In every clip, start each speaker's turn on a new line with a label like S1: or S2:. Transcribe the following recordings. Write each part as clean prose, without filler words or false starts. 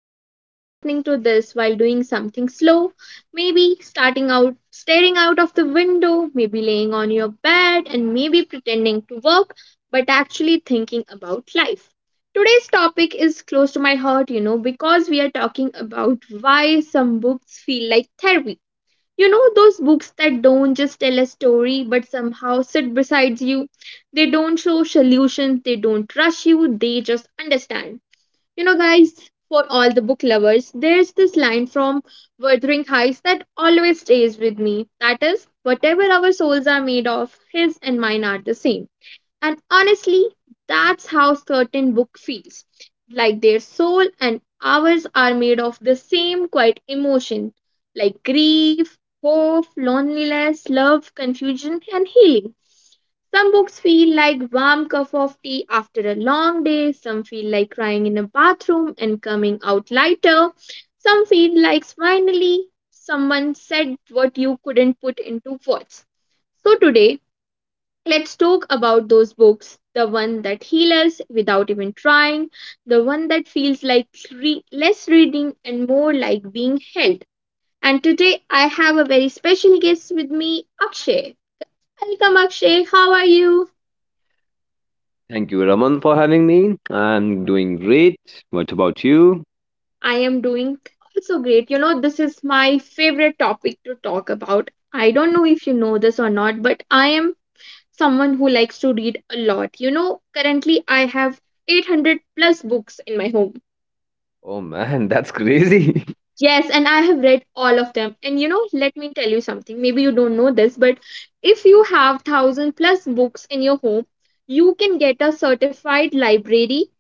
S1: I hope you are listening to this while doing something slow, maybe starting out staring out of the window, maybe laying on your bed, and maybe pretending to work but actually thinking about life. Today's topic is close to my heart, you know, because we are talking about why some books feel like therapy. You know those books that don't just tell a story but somehow sit beside you? They don't show solutions, they don't rush you, they just understand. You know, guys, for all the book lovers, there's this line from Wuthering Heights that always stays with me. That is, whatever our souls are made of, his and mine are the same. And honestly, that's how certain book feels. Like their soul and ours are made of the same quiet emotion, like grief, hope, loneliness, love, confusion, and healing. Some books feel like warm cup of tea after a long day, some feel like crying in a bathroom and coming out lighter. Some feel like finally someone said what you couldn't put into words. So today, let's talk about those books, the one that heal us without even trying, the one that feels like less reading and more like being held. And today I have a very special guest with me, Akshay. Welcome, Akshay. How are you?
S2: Thank you, Raman, for having me. I'm doing great. What about you?
S1: I am doing also great. You know, this is my favorite topic to talk about. I don't know if you know this or not, but I am someone who likes to read a lot. You know, currently I have 800 plus books in my home.
S2: Oh man, that's crazy.
S1: Yes, and I have read all of them. And you know, let me tell you something. Maybe you don't know this, but if you have thousand plus books in your home, you can get a certified library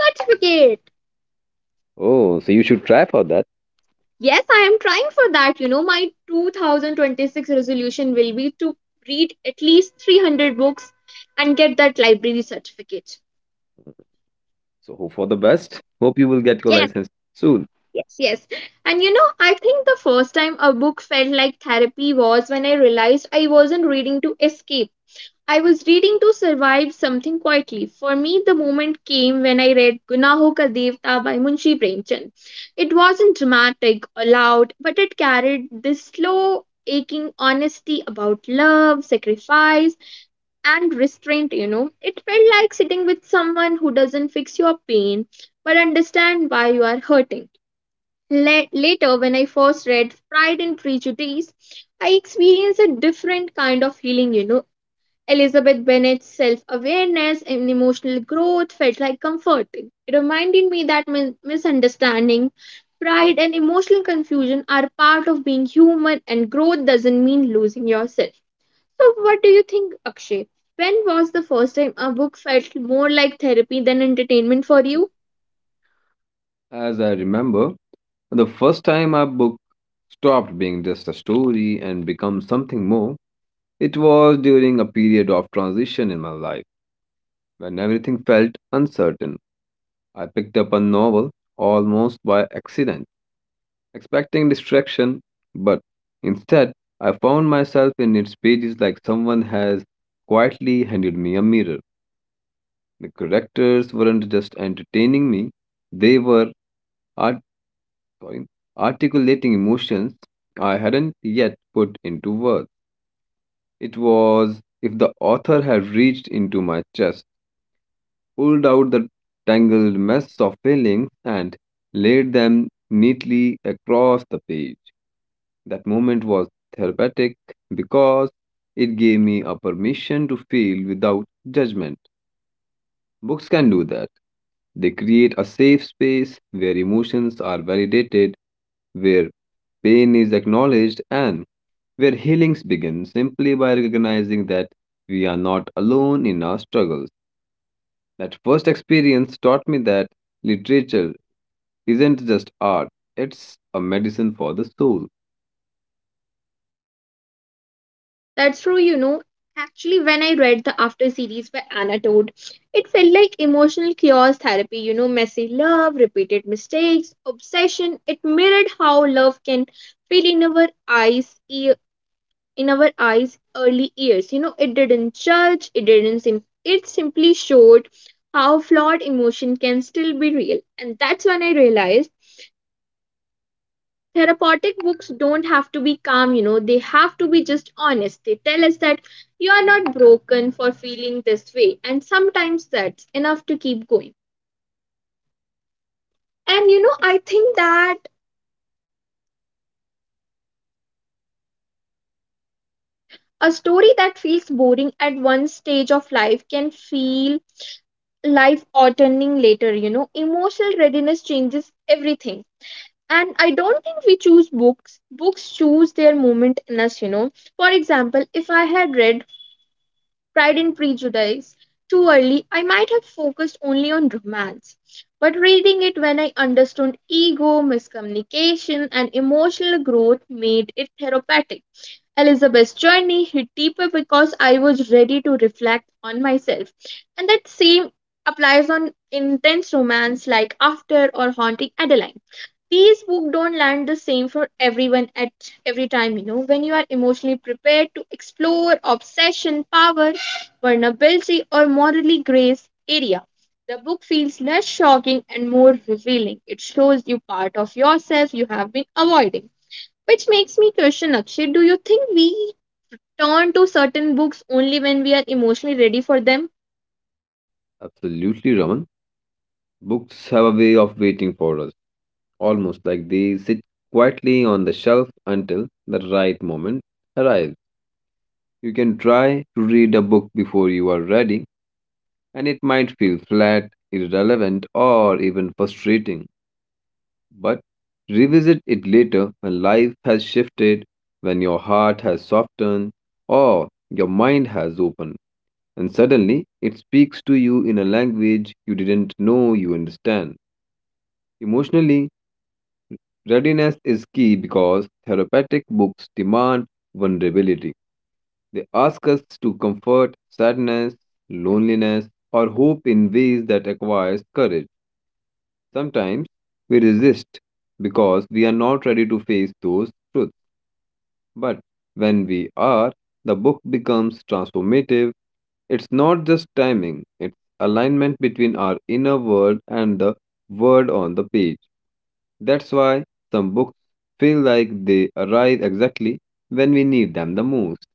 S1: certificate.
S2: Oh, so you should try for that.
S1: Yes, I am trying for that. You know, my 2026 resolution will be to read at least 300 books and get that library certificate.
S2: So hope for the best. Hope you will get your
S1: Yes,
S2: license soon.
S1: yes, yes. And you know, I think the first time a book felt like therapy was when I realized I wasn't reading to escape. I was reading to survive something quietly. For me, the moment came when I read Gunaho Ka Devta by Munshi Premchand. It wasn't dramatic or loud, but it carried this slow, aching honesty about love, sacrifice, and restraint, you know. It felt like sitting with someone who doesn't fix your pain, but understand why you are hurting. Later, when I first read Pride and Prejudice, I experienced a different kind of healing, you know. Elizabeth Bennet's self awareness and emotional growth felt like comforting. It reminded me that misunderstanding, pride, and emotional confusion are part of being human, and growth doesn't mean losing yourself. So, what do you think, Akshay? When was the first time a book felt more like therapy than entertainment for you?
S2: As I remember, the first time our book stopped being just a story and become something more, it was during a period of transition in my life when everything felt uncertain. I picked up a novel almost by accident expecting distraction, but instead I found myself in its pages like someone has quietly handed me a mirror. The characters weren't just entertaining me, they were art- sorry, articulating emotions I hadn't yet put into words. It was if the author had reached into my chest, pulled out the tangled mess of feelings, and laid them neatly across the page. That moment was therapeutic because it gave me a permission to feel without judgment. Books can do that. They create a safe space where emotions are validated, where pain is acknowledged, and where healings begin simply by recognizing that we are not alone in our struggles. That first experience taught me that literature isn't just art, it's a medicine for the soul.
S1: That's true, you know. Actually, when I read the after series by Anna Todd, it felt like emotional chaos therapy, you know, messy love, repeated mistakes, obsession. It mirrored how love can feel in our eyes, early years. You know, it didn't judge, it didn't sim- it simply showed how flawed emotion can still be real. And that's when I realized therapeutic books don't have to be calm, you know, they have to be just honest. They tell us that you are not broken for feeling this way, and sometimes that's enough to keep going. And you know, I think that a story that feels boring at one stage of life can feel life altering later. You know, emotional readiness changes everything, and I don't think we choose books, books choose their moment in us, you know. For example, if I had read Pride and Prejudice too early, I might have focused only on romance. But reading it when I understood ego, miscommunication, and emotional growth made it therapeutic. Elizabeth's journey hit deeper because I was ready to reflect on myself. And that same applies on intense romance like After or Haunting Adeline. These books don't land the same for everyone at every time, you know. When you are emotionally prepared to explore obsession, power, vulnerability, or morally grace area, the book feels less shocking and more revealing. It shows you part of yourself you have been avoiding. Which makes me question, Akshay, do you think we turn to certain books only when we are emotionally ready for them?
S2: Absolutely, Raman. Books have a way of waiting for us, almost like they sit quietly on the shelf until the right moment arrives. You can try to read a book before you are ready, and it might feel flat, irrelevant, or even frustrating. But revisit it later when life has shifted, when your heart has softened, or your mind has opened, and suddenly it speaks to you in a language you didn't know you understand. Emotionally, readiness is key because therapeutic books demand vulnerability. They ask us to comfort sadness, loneliness, or hope in ways that requires courage. Sometimes we resist because we are not ready to face those truths. But when we are, the book becomes transformative. It's not just timing, it's alignment between our inner world and the word on the page. That's why some books feel like they arrive exactly when we need them the most.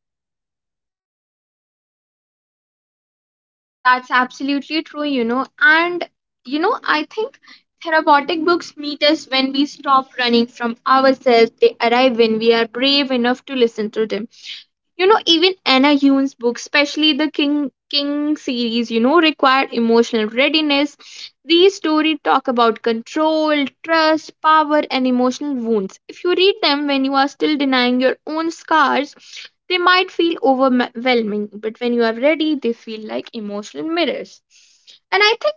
S1: That's absolutely true, you know. And, you know, I think therapeutic books meet us when we stop running from ourselves. They arrive when we are brave enough to listen to them. You know, even Anna Hune's books, especially the King King series, you know, require emotional readiness. These stories talk about control, trust, power, and emotional wounds. If you read them when you are still denying your own scars, they might feel overwhelming, but when you are ready, they feel like emotional mirrors. And I think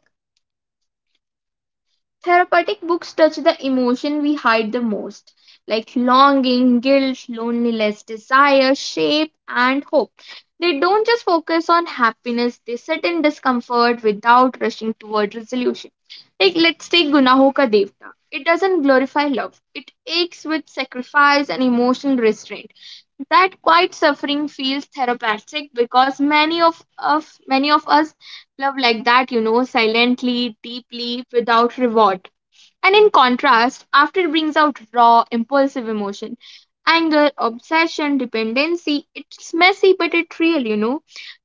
S1: therapeutic books touch the emotion we hide the most, like longing, guilt, loneliness, desire, shape, and hope. They don't just focus on happiness, they sit in discomfort without rushing toward resolution. Like, let's take Gunaho Ka Devta. It doesn't glorify love, it aches with sacrifice and emotional restraint. That quiet suffering feels therapeutic because of many of us love like that, you know, silently, deeply, without reward. And in contrast, after brings out raw, impulsive emotion, anger, obsession, dependency. It's messy, but it's real, you know.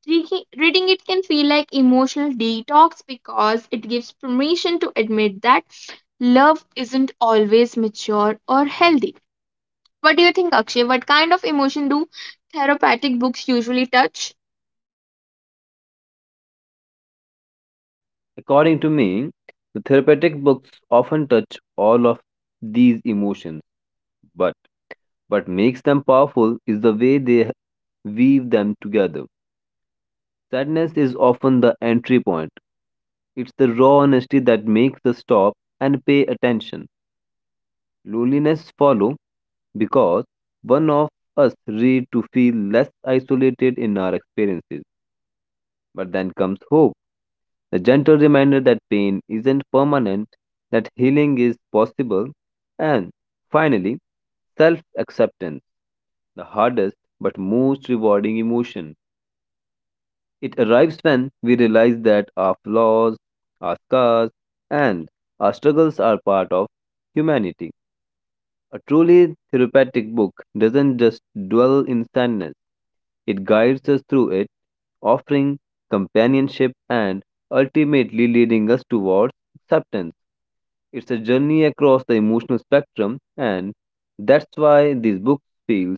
S1: Reading it can feel like emotional detox because it gives permission to admit that love isn't always mature or healthy. What do you think, Akshay? What kind of emotion do therapeutic books usually touch?
S2: According to me, the therapeutic books often touch all of these emotions, but what makes them powerful is the way they weave them together. Sadness is often the entry point. It's the raw honesty that makes us stop and pay attention. Loneliness follow because one of us read to feel less isolated in our experiences. But then comes hope, the gentle reminder that pain isn't permanent, that healing is possible, and finally, self acceptance, the hardest but most rewarding emotion. It arrives when we realize that our flaws, our scars, and our struggles are part of humanity. A truly therapeutic book doesn't just dwell in sadness, it guides us through it, offering companionship and ultimately leading us towards acceptance. It's a journey across the emotional spectrum, and that's why this book feels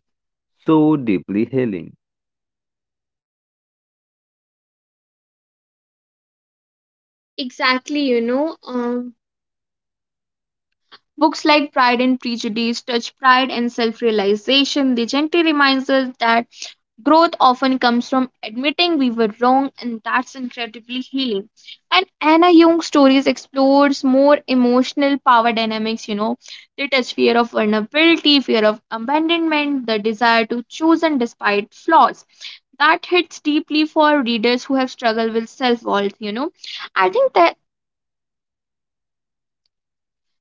S2: so deeply healing.
S1: Exactly, you know. Books like Pride and Prejudice touch pride and self realization. They gently remind us that growth often comes from admitting we were wrong, and that's incredibly healing. And Anna Jung stories explores more emotional power dynamics, you know, they touch fear of vulnerability, fear of abandonment, the desire to choose and despite flaws. That hits deeply for readers who have struggled with self worth, you know. I think that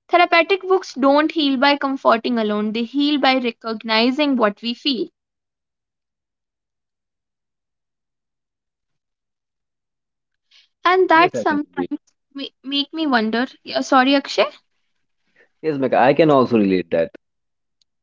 S1: therapeutic books don't heal by comforting alone, they heal by recognizing what we feel. And
S2: Yes,
S1: that
S2: I can relate.
S1: sometimes make me wonder. Yeah, sorry, Akshay.
S2: Yes, Mecca, I can also relate that.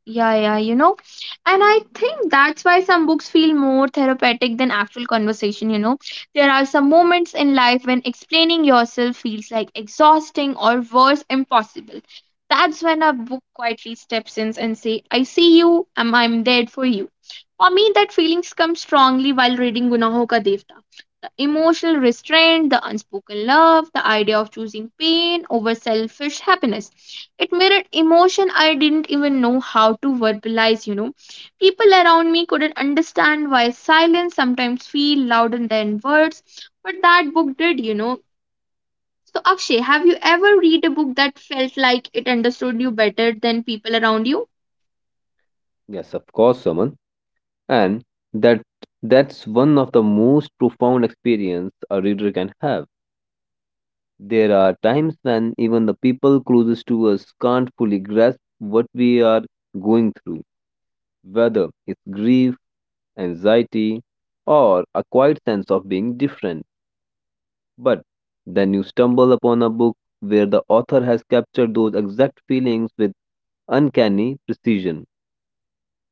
S1: Yeah, yeah, you know. And I think that's why some books feel more therapeutic than actual conversation, you know. There are some moments in life when explaining yourself feels like exhausting or worse, impossible. That's when a book quietly steps in and say, "I see you, I'm there for you." For me, that feelings come strongly while reading Gunaho Ka Devta. The emotional restraint, the unspoken love, the idea of choosing pain over selfish happiness, it mirrored emotion I didn't even know how to verbalize, you know. People around me couldn't understand why silence sometimes feel louder than words, but that book did, you know. So Akshay, have you ever read a book that felt like it understood you better than people around you?
S2: Yes, of course, Suman. And that that's one of the most profound experience a reader can have. There are times when even the people closest to us can't fully grasp what we are going through, whether it's grief, anxiety, or a quiet sense of being different. But then you stumble upon a book where the author has captured those exact feelings with uncanny precision.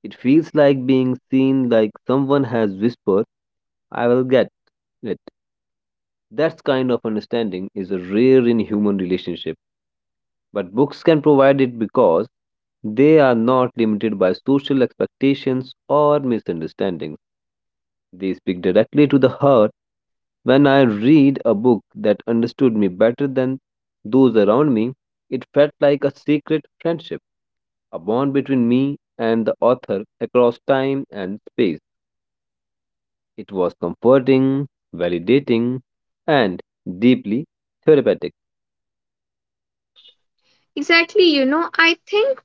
S2: It feels like being seen, like someone has whispered, "I will get it." That kind of understanding is rare in human relationship, but books can provide it because they are not limited by social expectations or misunderstandings. They speak directly to the heart. When I read a book that understood me better than those around me, it felt like a secret friendship, a bond between me and the author across time and space. It was comforting, validating, and deeply therapeutic.
S1: Exactly, you know, I think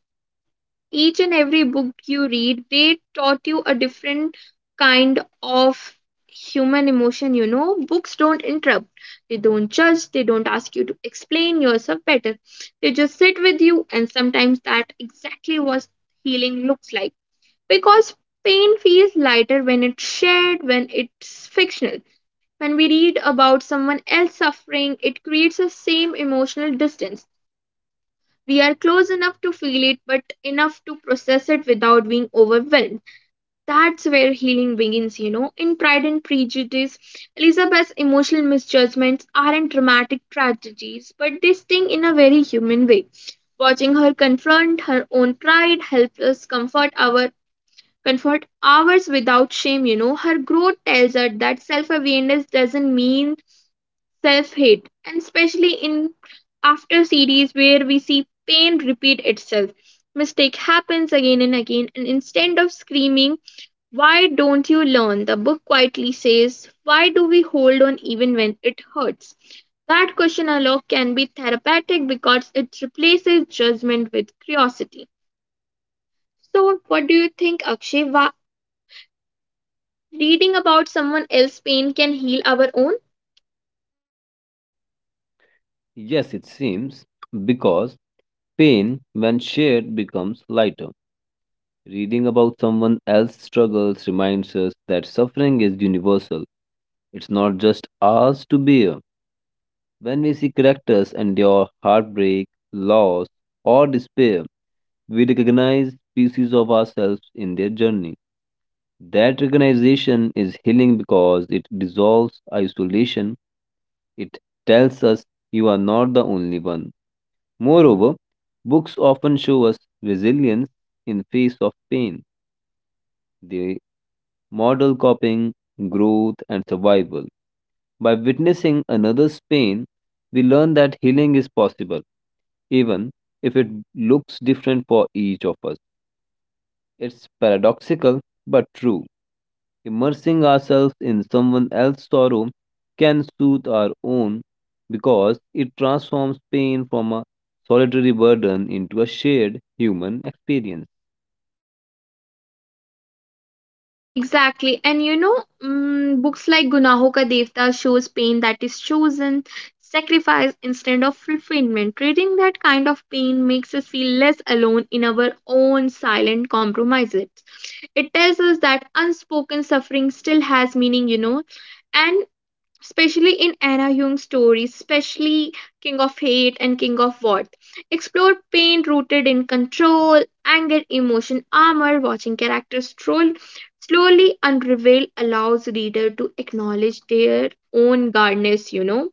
S1: each and every book you read, they taught you a different kind of human emotion, you know. Books don't interrupt, they don't judge, they don't ask you to explain yourself better. They just sit with you, and sometimes that exactly what healing looks like. Because pain feels lighter when it's shared, when it's fictional. When we read about someone else suffering, it creates the same emotional distance, we are close enough to feel it, but enough to process it without being overwhelmed. That's where healing begins, you know. In Pride and Prejudice, Elizabeth's emotional misjudgments aren't dramatic tragedies, but they sting in a very human way. Watching her confront her own pride helps us comfort ours without shame, you know. Her growth tells her that self awareness doesn't mean self-hate, and especially in after series where we see pain repeat itself. Mistake happens again and again, and instead of screaming, "Why don't you learn?" the book quietly says, "Why do we hold on even when it hurts?" That question alone can be therapeutic because it replaces judgment with curiosity. So, what do you think, Akshay? Reading about someone else's pain can heal our own?
S2: Yes, it seems, because pain, when shared, becomes lighter. Reading about someone else's struggles reminds us that suffering is universal. It's not just ours to bear. When we see characters endure heartbreak, loss, or despair, we recognize pieces of ourselves in their journey. That recognition is healing because it dissolves isolation. It tells us you are not the only one. Moreover, books often show us resilience in face of pain. They model coping, growth, and survival. By witnessing another's pain, we learn that healing is possible, even if it looks different for each of us. It's paradoxical but true. Immersing ourselves in someone else's sorrow can soothe our own because it transforms pain from a solitary burden into a shared human experience.
S1: Exactly. And you know, books like Gunaho Ka Devta shows pain that is chosen, sacrifice instead of fulfillment. Reading that kind of pain makes us feel less alone in our own silent compromises. It tells us that unspoken suffering still has meaning, you know, and especially in Anna Jung's stories, especially King of Hate and King of What. Explore pain rooted in control, anger, emotion, armor, watching characters troll, slowly unravel allows reader to acknowledge their own guardness, you know.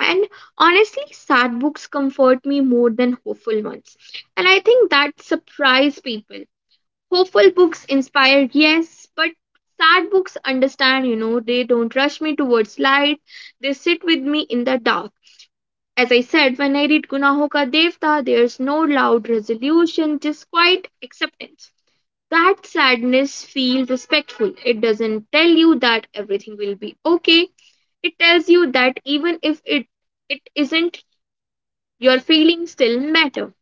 S1: And honestly, sad books comfort me more than hopeful ones. And I think that surprise people. Hopeful books inspire, yes, but sad books understand, you know, they don't rush me towards light. They sit with me in the dark. As I said, when I read Gunaho Ka Devta, there's no loud resolution, just quiet acceptance. That sadness feels respectful. It doesn't tell you that everything will be okay. It tells you that even if it, it isn't, your feelings still matter.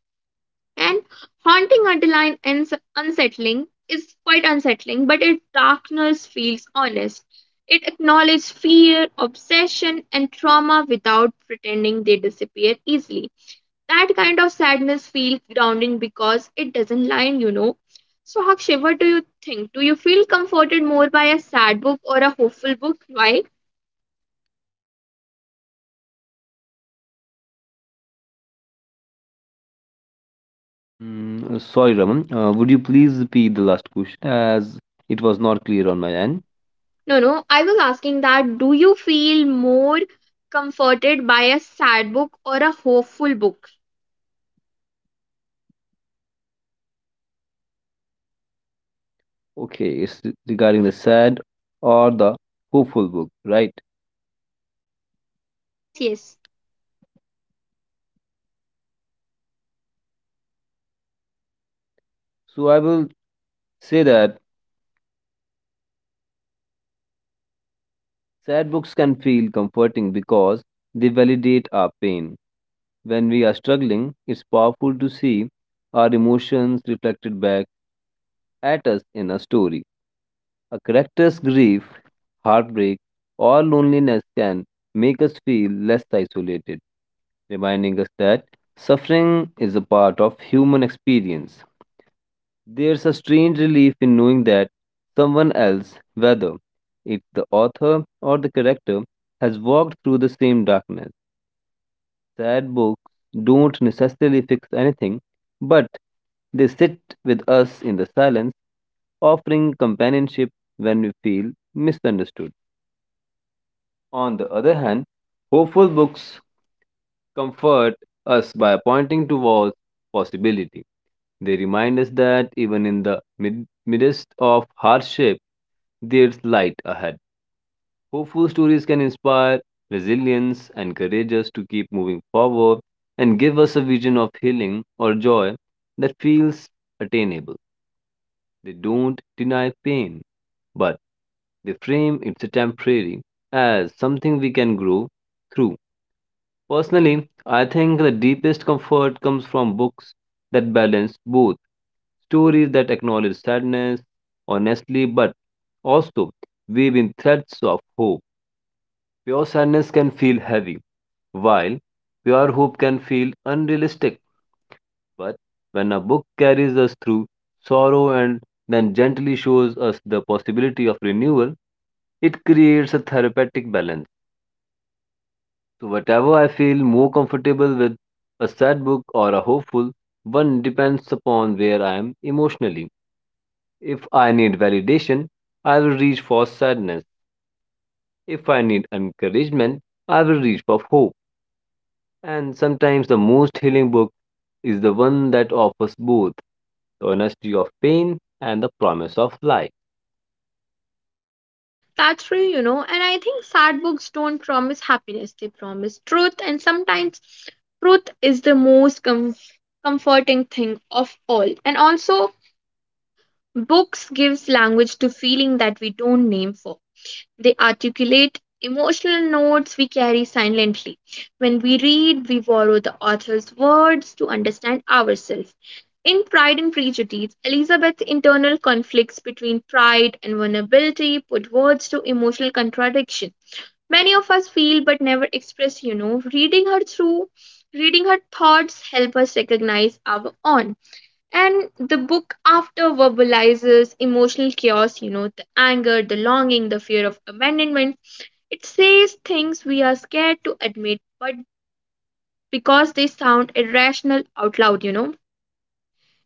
S1: And haunting underline I ends unsettling is quite unsettling, but its darkness feels honest. It acknowledges fear, obsession, and trauma without pretending they disappear easily. That kind of sadness feels grounding because it doesn't line. So, Hakshay, what do you think? Do you feel comforted more by a sad book or a hopeful book? Why?
S2: Sorry, Raman. Would you please repeat the last question as it was not clear on my end?
S1: No, no, I was asking that do you feel more comforted by a sad book or a hopeful book?
S2: Okay, it's regarding the sad or the hopeful book, right?
S1: Yes, yes,
S2: So I will say that sad books can feel comforting because they validate our pain. When we are struggling, it's powerful to see our emotions reflected back at us in a story. A character's grief, heartbreak, or loneliness can make us feel less isolated, reminding us that suffering is a part of human experience. There's a strange relief in knowing that someone else, whether it's the author or the character, has walked through the same darkness. Sad books don't necessarily fix anything, but they sit with us in the silence, offering companionship when we feel misunderstood. On the other hand, hopeful books comfort us by pointing towards possibility. They remind us that even in the midst of hardship, there's light ahead. Hopeful stories can inspire resilience, and encourage us to keep moving forward, and give us a vision of healing or joy that feels attainable. They don't deny pain, but they frame it's a temporary as something we can grow through. Personally, I think the deepest comfort comes from books that balance both, stories that acknowledge sadness honestly, but also weave in threads of hope. Pure sadness can feel heavy, while pure hope can feel unrealistic. But when a book carries us through sorrow and then gently shows us the possibility of renewal, it creates a therapeutic balance. So, whatever I feel more comfortable with, a sad book or a hopeful one depends upon where I am emotionally. If I need validation, I will reach for sadness. If I need encouragement, I will reach for hope. And sometimes the most healing book is the one that offers both, the honesty of pain and the promise of life.
S1: that's true. And I think sad books don't promise happiness, they promise truth. And sometimes truth is the most comforting thing of all. And also, books gives language to feeling that we don't name for. They articulate emotional notes we carry silently. When we read, we borrow the author's words to understand ourselves. In Pride and Prejudice, Elizabeth's internal conflicts between pride and vulnerability put words to emotional contradiction. Many of us feel but never express, reading her thoughts help us recognize our own. And the book after verbalizes emotional chaos, the anger, the longing, the fear of abandonment. It says things we are scared to admit, but because they sound irrational out loud.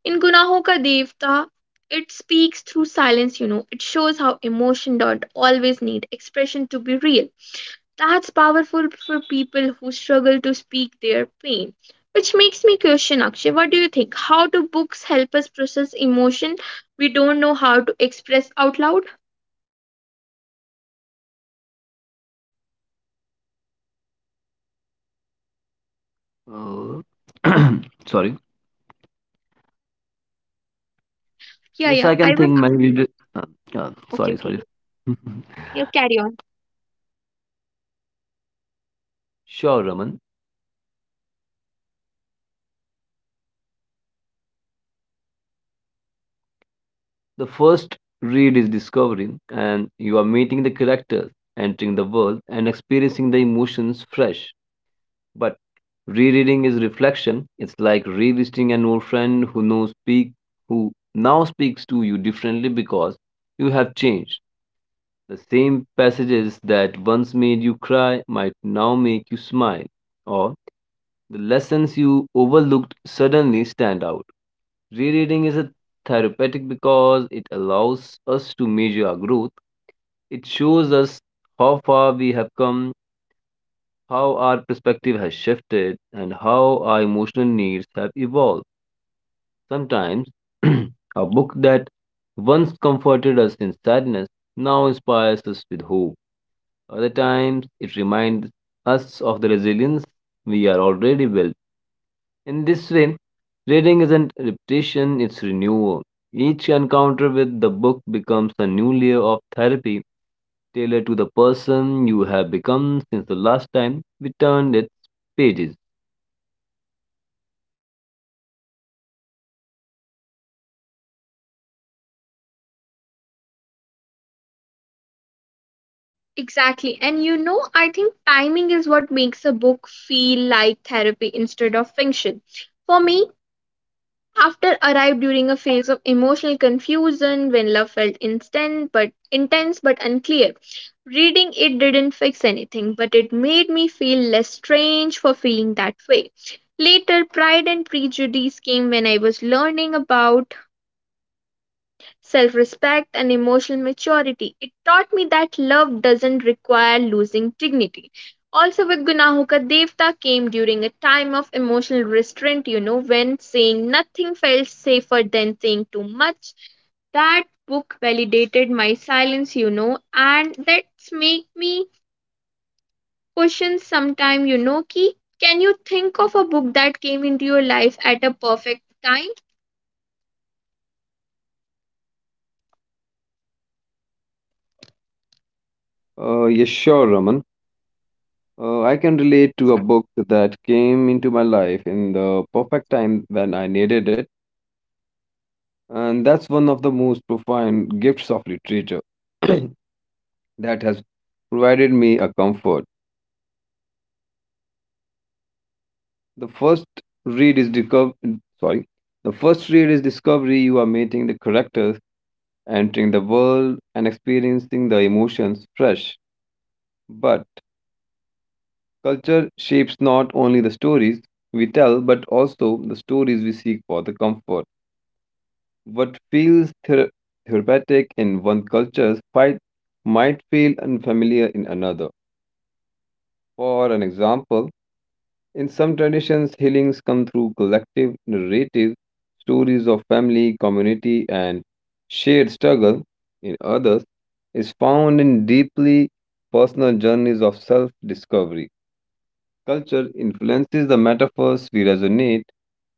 S1: In Gunahon Ka Devta, it speaks through silence. It shows how emotion don't always need expression to be real. That's powerful for people who struggle to speak their pain. Which makes me question, Akshay, what do you think? How do books help us process emotion we don't know how to express out loud?
S2: Uh, sorry.
S1: Yeah,
S2: Yes,
S1: yeah.
S2: I can
S1: I will.
S2: think many. Reader- Uh,
S1: Okay,
S2: sorry,
S1: okay.
S2: sorry.
S1: You carry on.
S2: Sure, Raman. The first read is discovering, and you are meeting the characters, entering the world, and experiencing the emotions fresh. But rereading is reflection. It's like revisiting an old friend who knows speak who now speaks to you differently because you have changed. The same passages that once made you cry might now make you smile, or the lessons you overlooked suddenly stand out. Rereading is a therapeutic because it allows us to measure our growth. It shows us how far we have come, how our perspective has shifted, and how our emotional needs have evolved. Sometimes a book that once comforted us in sadness now inspires us with hope. Other times it reminds us of the resilience we are already built. In this way, reading isn't repetition, it's renewal. Each encounter with the book becomes a new layer of therapy tailored to the person you have become since the last time we turned its pages.
S1: Exactly. And you know, I think timing is what makes a book feel like therapy instead of fiction. For me, After arrived during a phase of emotional confusion when love felt instant but intense but unclear. Reading it didn't fix anything, but it made me feel less strange for feeling that way. Later, Pride and Prejudice came when I was learning about self respect, and emotional maturity. It taught me that love doesn't require losing dignity. Also, with Gunahoka Devta came during a time of emotional restraint, when saying nothing felt safer than saying too much. That book validated my silence, and that's make me question sometime, can you think of a book that came into your life at a perfect time?
S2: Yes, sure, Raman. I can relate to a book that came into my life in the perfect time when I needed it, and that's one of the most profound gifts of literature that has provided me a comfort. The first read is discover sorry, the first read is discovery. You are meeting the characters, entering the world, and experiencing the emotions fresh. But culture shapes not only the stories we tell, but also the stories we seek for the comfort. What feels therapeutic in one culture fight might feel unfamiliar in another. For an example, in some traditions, healings come through collective narratives, stories of family, community, and shared struggle. In others, is found in deeply personal journeys of self discovery. Culture influences the metaphors we resonate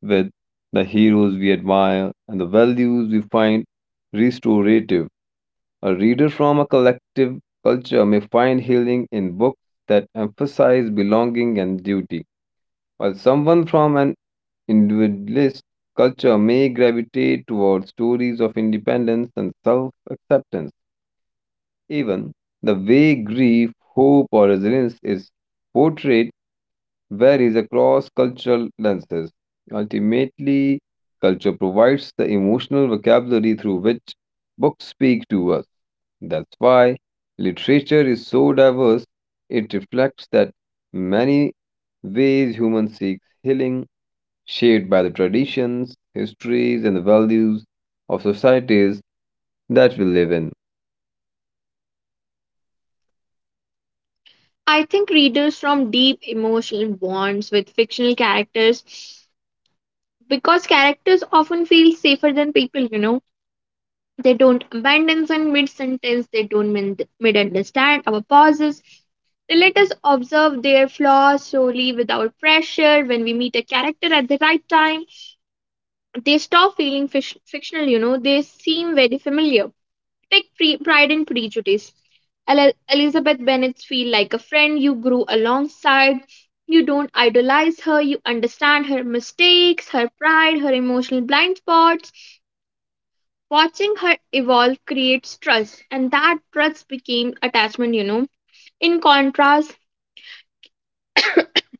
S2: with, the heroes we admire, and the values we find restorative. A reader from a collective culture may find healing in books that emphasize belonging and duty, while someone from an individualist culture may gravitate towards stories of independence and self acceptance. Even the way grief, hope, or resilience is portrayed varies across cultural lenses. Ultimately, culture provides the emotional vocabulary through which books speak to us. That's why literature is so diverse. It reflects that many ways human seeks healing, shaped by the traditions, histories, and the values of societies that we live in.
S1: I think readers from deep emotional bonds with fictional characters because characters often feel safer than people. They don't abandon us in mid sentence, they don't mid understand our pauses. They let us observe their flaws slowly without pressure. When we meet a character at the right time, they stop fictional, they seem very familiar. Take Pride and Prejudice. Elizabeth Bennet feels like a friend you grew alongside. You don't idolize her, you understand her mistakes, her pride, her emotional blind spots. Watching her evolve creates trust, and that trust became attachment. In contrast,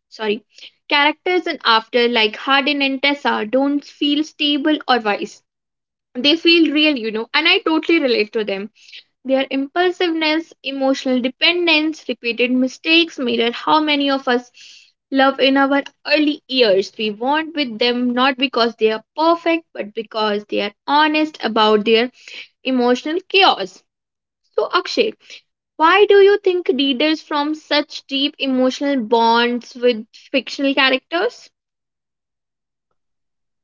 S1: sorry, characters in After, like Hardin and Tessa, don't feel stable or wise. They feel real, and I totally relate to them. Their impulsiveness, emotional dependence, repeated mistakes mirror how many of us love in our early years. We bond with them not because they are perfect, but because they are honest about their emotional chaos. So, Akshay, why do you think readers form such deep emotional bonds with fictional characters?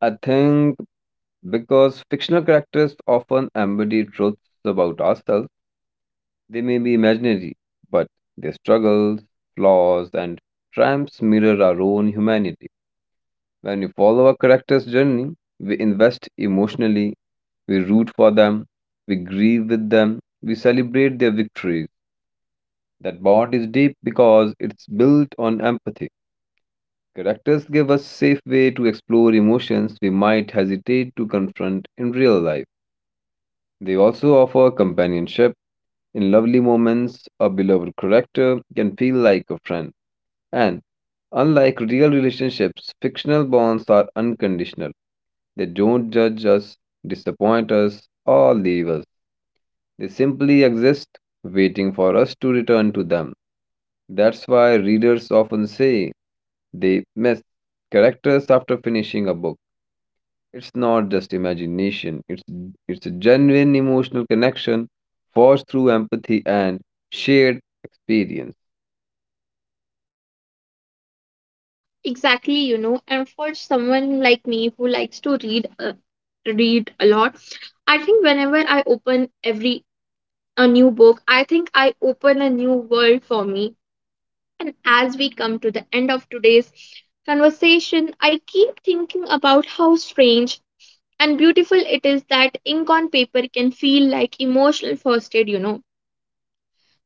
S2: I think because fictional characters often embody truths about ourselves. They may be imaginary, but their struggles, flaws, and triumphs mirror our own humanity. When we follow a character's journey, we invest emotionally, we root for them, we grieve with them, we celebrate their victories. That bond is deep because it's built on empathy. Characters give us safe way to explore emotions we might hesitate to confront in real life. They also offer companionship. In lovely moments, a beloved character can feel like a friend. And unlike real relationships, fictional bonds are unconditional. They don't judge us, disappoint us, or leave us. They simply exist, waiting for us to return to them. That's why readers often say they miss characters after finishing a book. It's not just imagination, it's a genuine emotional connection forged through empathy and shared experience.
S1: Exactly, and for someone like me who likes to read a lot, I think whenever I open every a new book, I think I open a new world for me. And as we come to the end of today's conversation, I keep thinking about how strange and beautiful it is that ink on paper can feel like emotional first aid.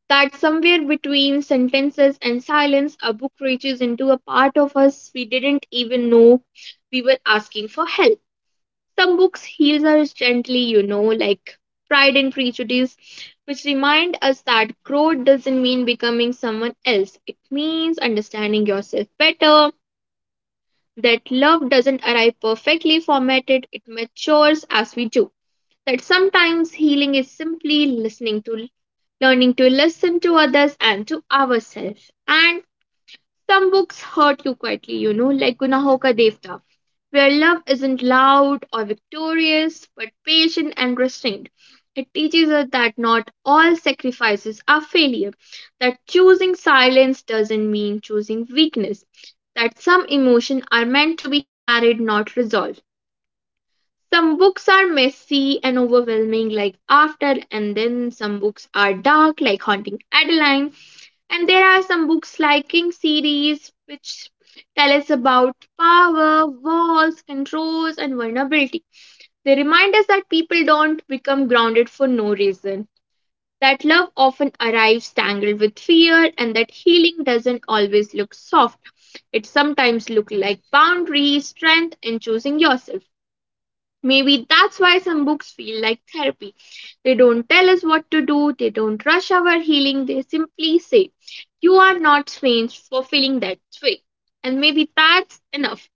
S1: That somewhere between sentences and silence, a book reaches into a part of us we didn't even know we were asking for help. Some books heals us gently, like Pride and Prejudice, which remind us that growth doesn't mean becoming someone else. It means understanding yourself better, that love doesn't arrive perfectly formatted, it matures as we do. That sometimes healing is simply listening to learning to listen to others and to ourselves and some books hurt you quietly, like Gunahoka Devta, where love isn't loud or victorious, but patient and restrained. It teaches us that not all sacrifices are failure, that choosing silence doesn't mean choosing weakness, that some emotions are meant to be carried, not resolved. Some books are messy and overwhelming, like After, and then some books are dark, like Haunting Adeline and there are some books like King series which tell us about power, walls, controls, and vulnerability. They remind us that people don't become grounded for no reason, that love often arrives tangled with fear, and that healing doesn't always look soft. It sometimes looks like boundaries, strength, and choosing yourself. Maybe that's why some books feel like therapy. They don't tell us what to do, they don't rush our healing, they simply say, you are not strange for feeling that way. And maybe that's enough.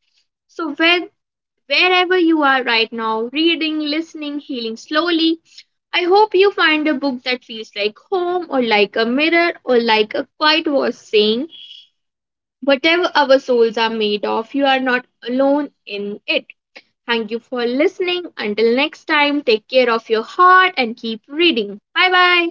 S1: So, wherever you are right now, reading, listening, healing slowly, I hope you find a book that feels like home, or like a mirror, or like a quiet voice saying, whatever our souls are made of, you are not alone in it. Thank you for listening. Until next time, take care of your heart and keep reading. Bye bye.